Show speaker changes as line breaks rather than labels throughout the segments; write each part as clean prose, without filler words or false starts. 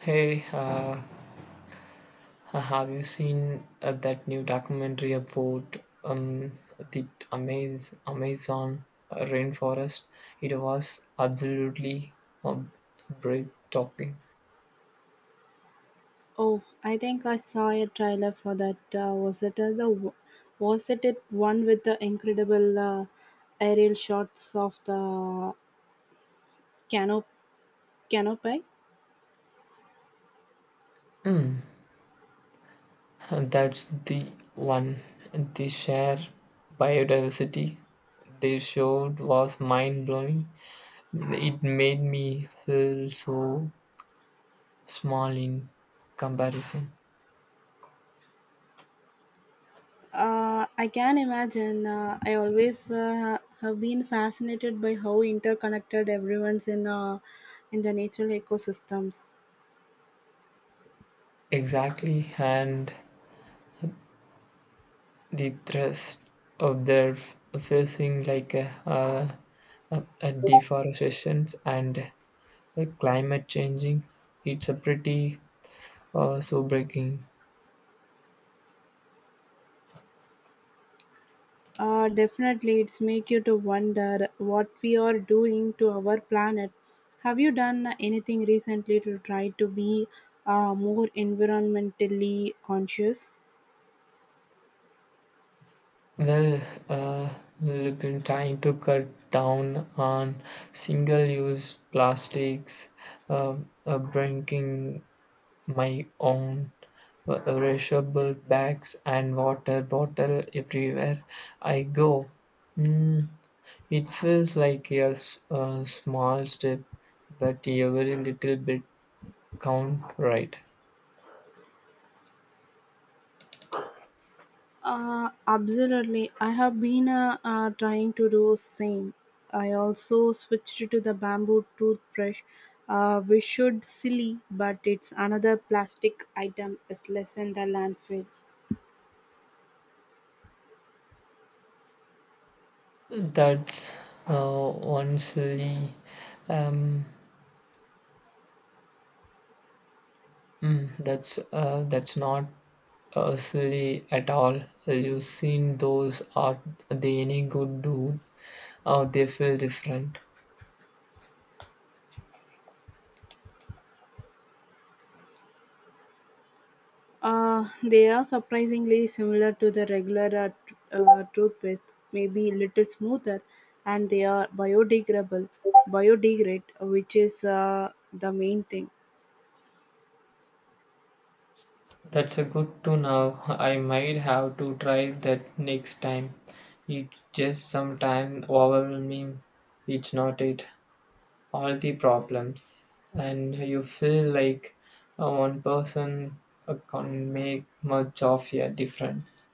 Hey, have you seen that new documentary about um, the Amazon rainforest? It was absolutely um, breathtaking.
Oh, I think I saw a trailer for that. Was it was it one with the incredible aerial shots of the canop canopy?
Mm, and that's the one. The sheer biodiversity they showed was mind blowing. It made me feel so small in comparison.
I can imagine. I always have been fascinated by how interconnected everyone's in the natural ecosystems.
Exactly, and the thrust of their facing like a deforestation and climate changing. It's a pretty sobering.
Definitely, it's make you to wonder what we are doing to our planet. Have you done anything recently to try to be more environmentally conscious?
Well, uh, we've been trying to cut down on single-use plastics, uh, bringing my own reusable bags and water bottle everywhere I go. Mm, it feels like a small step, but every little bit count right.
Absolutely. I have been trying to do same. I also switched to the bamboo toothbrush, which should silly, but it's another plastic item is less in the landfill.
That's one silly. Um, that's not silly at all. You've seen those are they any good do? Or they feel different.
They are surprisingly similar to the regular toothpaste, maybe a little smoother, and they are biodegradable, biodegrade, which is the main thing.
That's a good to know. I might have to try that next time. It's just sometime overwhelming. It's not it. All the problems and you feel like one person can make much of a difference.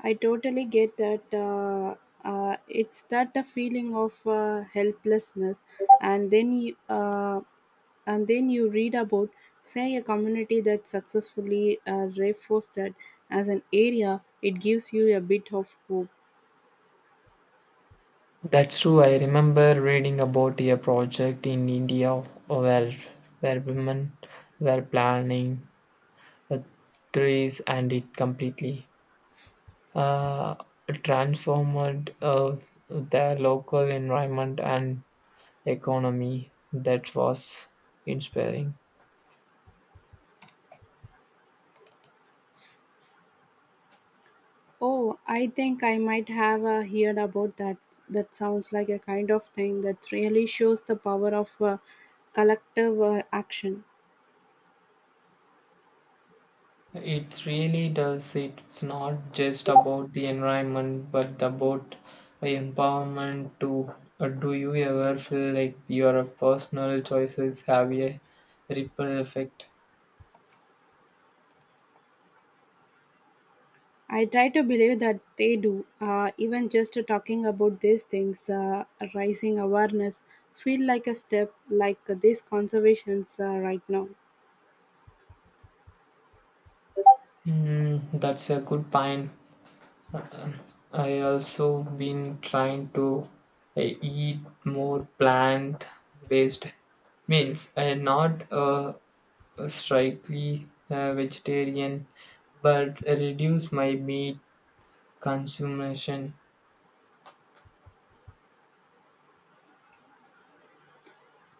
I totally get that. It's that the feeling of helplessness, and then you, uh, and then you read about, say, a community that successfully reforested as an area. It gives you a bit of hope.
That's true. I remember reading about a project in India where women were planning uh, trees, and it completely uh, transformed their local environment and economy. That was inspiring.
Oh, I think I might have heard about that. That sounds like a kind of thing that really shows the power of collective action.
It really does. It's not just about the environment, but about the empowerment too. Do you ever feel like your personal choices have a ripple effect?
I try to believe that they do. Even just talking about these things, raising awareness, feel like a step like these conservations right now.
Mm, that's a good point. Uh, I also been trying to eat more plant-based meals. I am not strictly vegetarian, but reduce my meat consummation.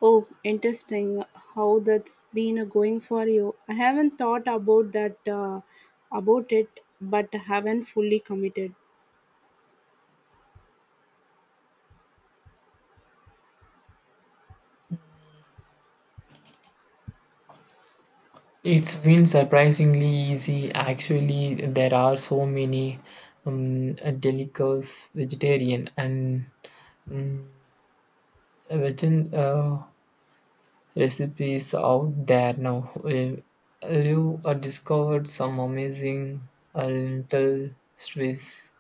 Oh, interesting. How that's been going for you? I haven't thought about that about it, but haven't fully committed.
It's been surprisingly easy actually. There are so many um, delicacies vegetarian and um, vegan recipes out there now. You discovered some amazing lentil swiss.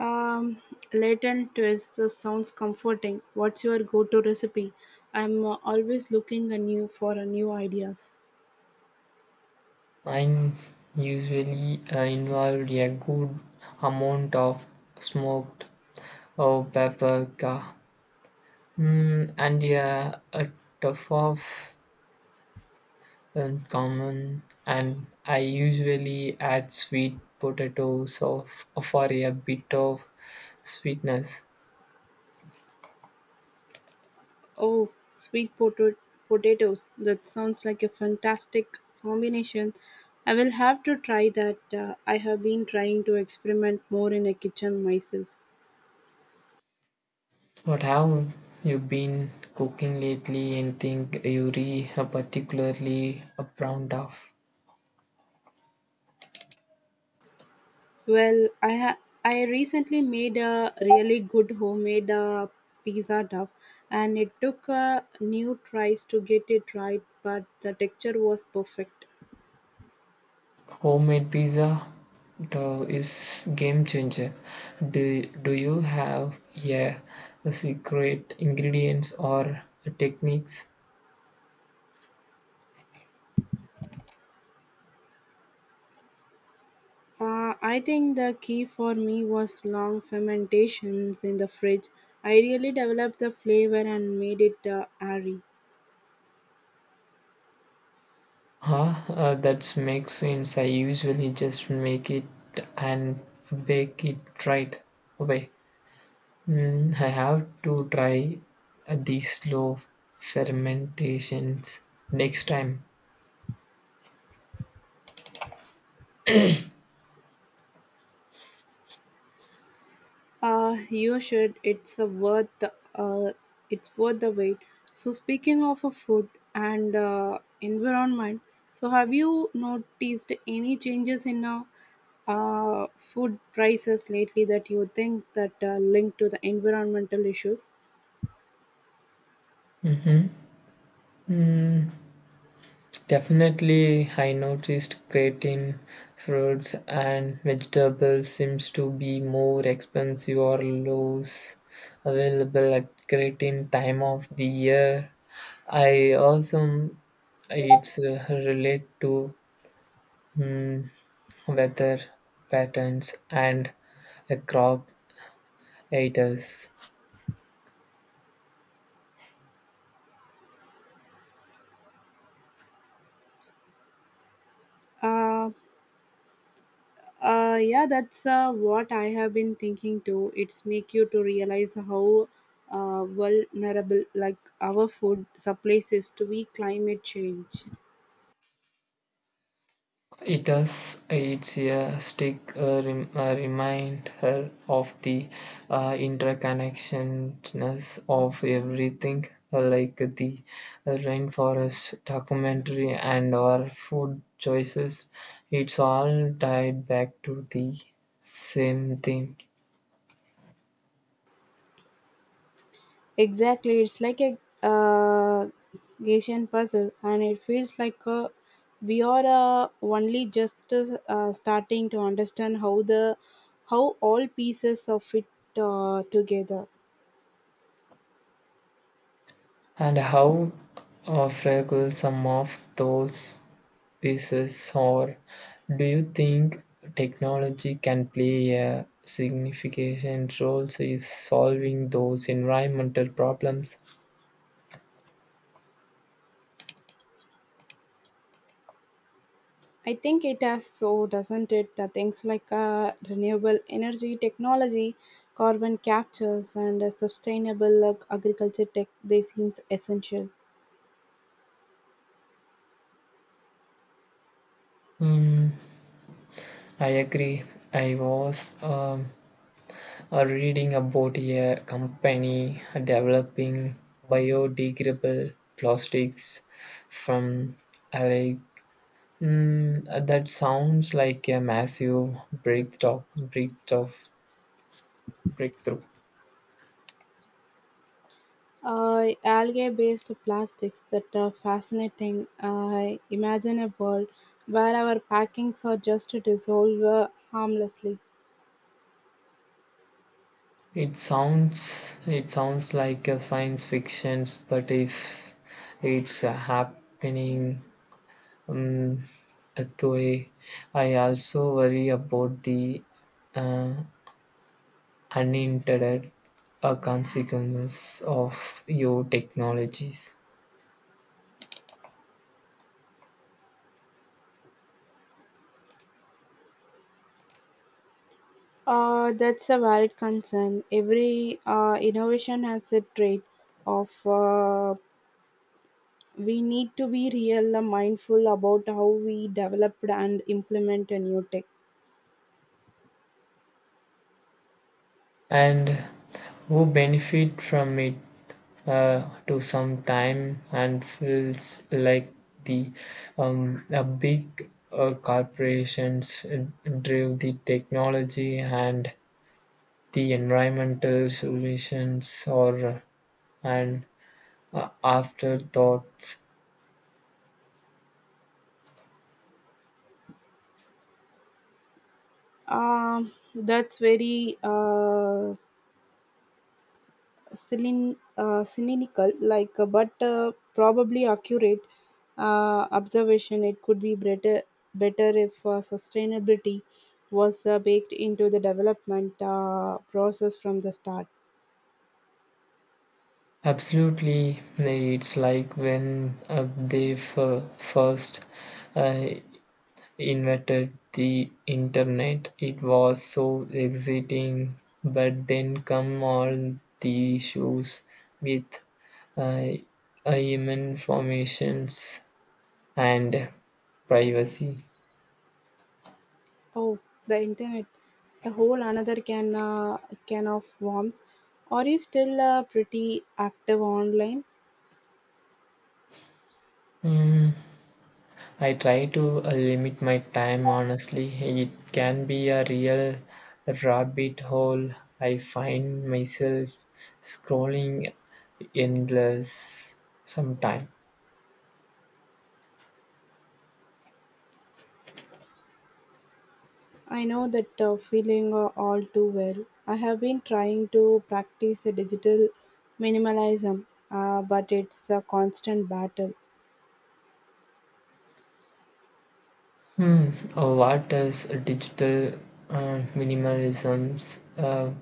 Um, Latent twist sounds comforting. What's your go-to recipe? I'm always looking anew for new ideas.
Mine usually involved a good amount of smoked or paprika. Mm, and yeah, a tough off and common, and I usually add sweet potatoes of, for a bit of sweetness.
Oh, sweet potato potatoes. That sounds like a fantastic combination. I will have to try that. I have been trying to experiment more in the kitchen myself.
What have you been cooking lately? Anything you re particularly proud of?
Well, I recently made a really good homemade pizza dough, and it took a new tries to get it right, but the texture was perfect.
Homemade pizza though, is game changer. Do you have, yeah, a secret ingredients or techniques?
I think the key for me was long fermentations in the fridge. I really developed the flavor and made it airy.
Huh? That makes sense. I usually just make it and bake it right away. Mm, I have to try these slow fermentations next time.
You should. It's a worth. It's worth the wait. So speaking of a food and environment, so have you noticed any changes in food prices lately that you think that link to the environmental issues?
Mm, definitely, I noticed creatine, fruits, and vegetables seems to be more expensive or less available at creatine time of the year. I also it's relate to, mm, weather patterns and crop eaters.
Uh, yeah, that's what I have been thinking too. It's make you to realize how vulnerable like our food supplies is to be climate change.
It does. It's a stick reminder of the interconnectedness of everything, like the rainforest documentary and our food choices. It's all tied back to the same thing.
Exactly, it's like a Gaussian puzzle, and it feels like we are only just starting to understand how all pieces of it together.
And how fragile some of those pieces, or do you think technology can play a significant role in solving those environmental problems?
I think it has so, doesn't it? The things like renewable energy technology, carbon captures, and sustainable agriculture tech they seems essential.
Mm, I agree. I was reading about a company developing biodegradable plastics from algae. Mm, that sounds like a massive breakthrough, breakthrough, breakthrough.
Algae-based plastics that are fascinating. I imagine a world where our packings are just to dissolve harmlessly.
It sounds like a science fiction, but if it's happening, um, that way, I also worry about the uh, unintended consequences of your technologies
That's a valid concern. Every innovation has a trait of we need to be real mindful about how we develop and implement a new tech.
and who benefit from it. To some time and feels like the a big corporations drive the technology, and the environmental solutions or an afterthoughts.
That's very cynical, like but probably accurate observation. It could be better if sustainability was baked into the development process from the start.
Absolutely, it's like when they first uh, invented the internet. It was so exciting, but then come all the issues with uh, informations and privacy.
Oh, the internet, the whole another can of worms. Are you still pretty active online?
Mm, I try to limit my time honestly. It can be a real rabbit hole. I find myself scrolling endless sometime.
I know that feeling all too well. I have been trying to practice a digital minimalism, but it's a constant battle.
Hmm. What does digital minimalisms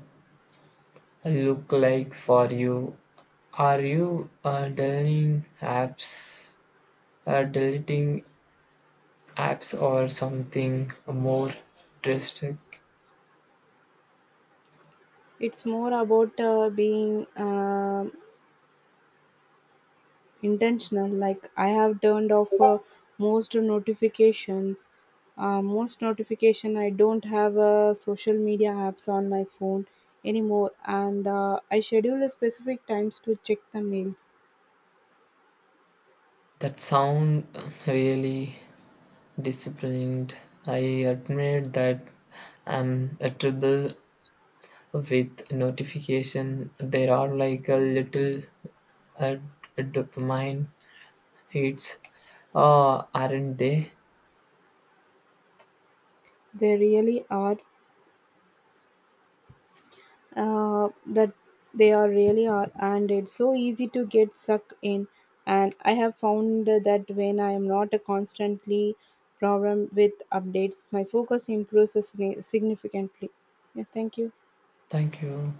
look like for you? Are you deleting apps, or something more drastic?
It's more about being intentional. Like I have turned off most notification. I don't have social media apps on my phone anymore, and I schedule a specific times to check the mails.
That sound really disciplined. I admit that I'm a trouble with notification. There are like a little uh, dopamine. It's, aren't they?
They really are that they are really are, and it's so easy to get sucked in, and I have found that when I am not constantly problem with updates, my focus improves significantly. Yeah, thank you.
Thank you.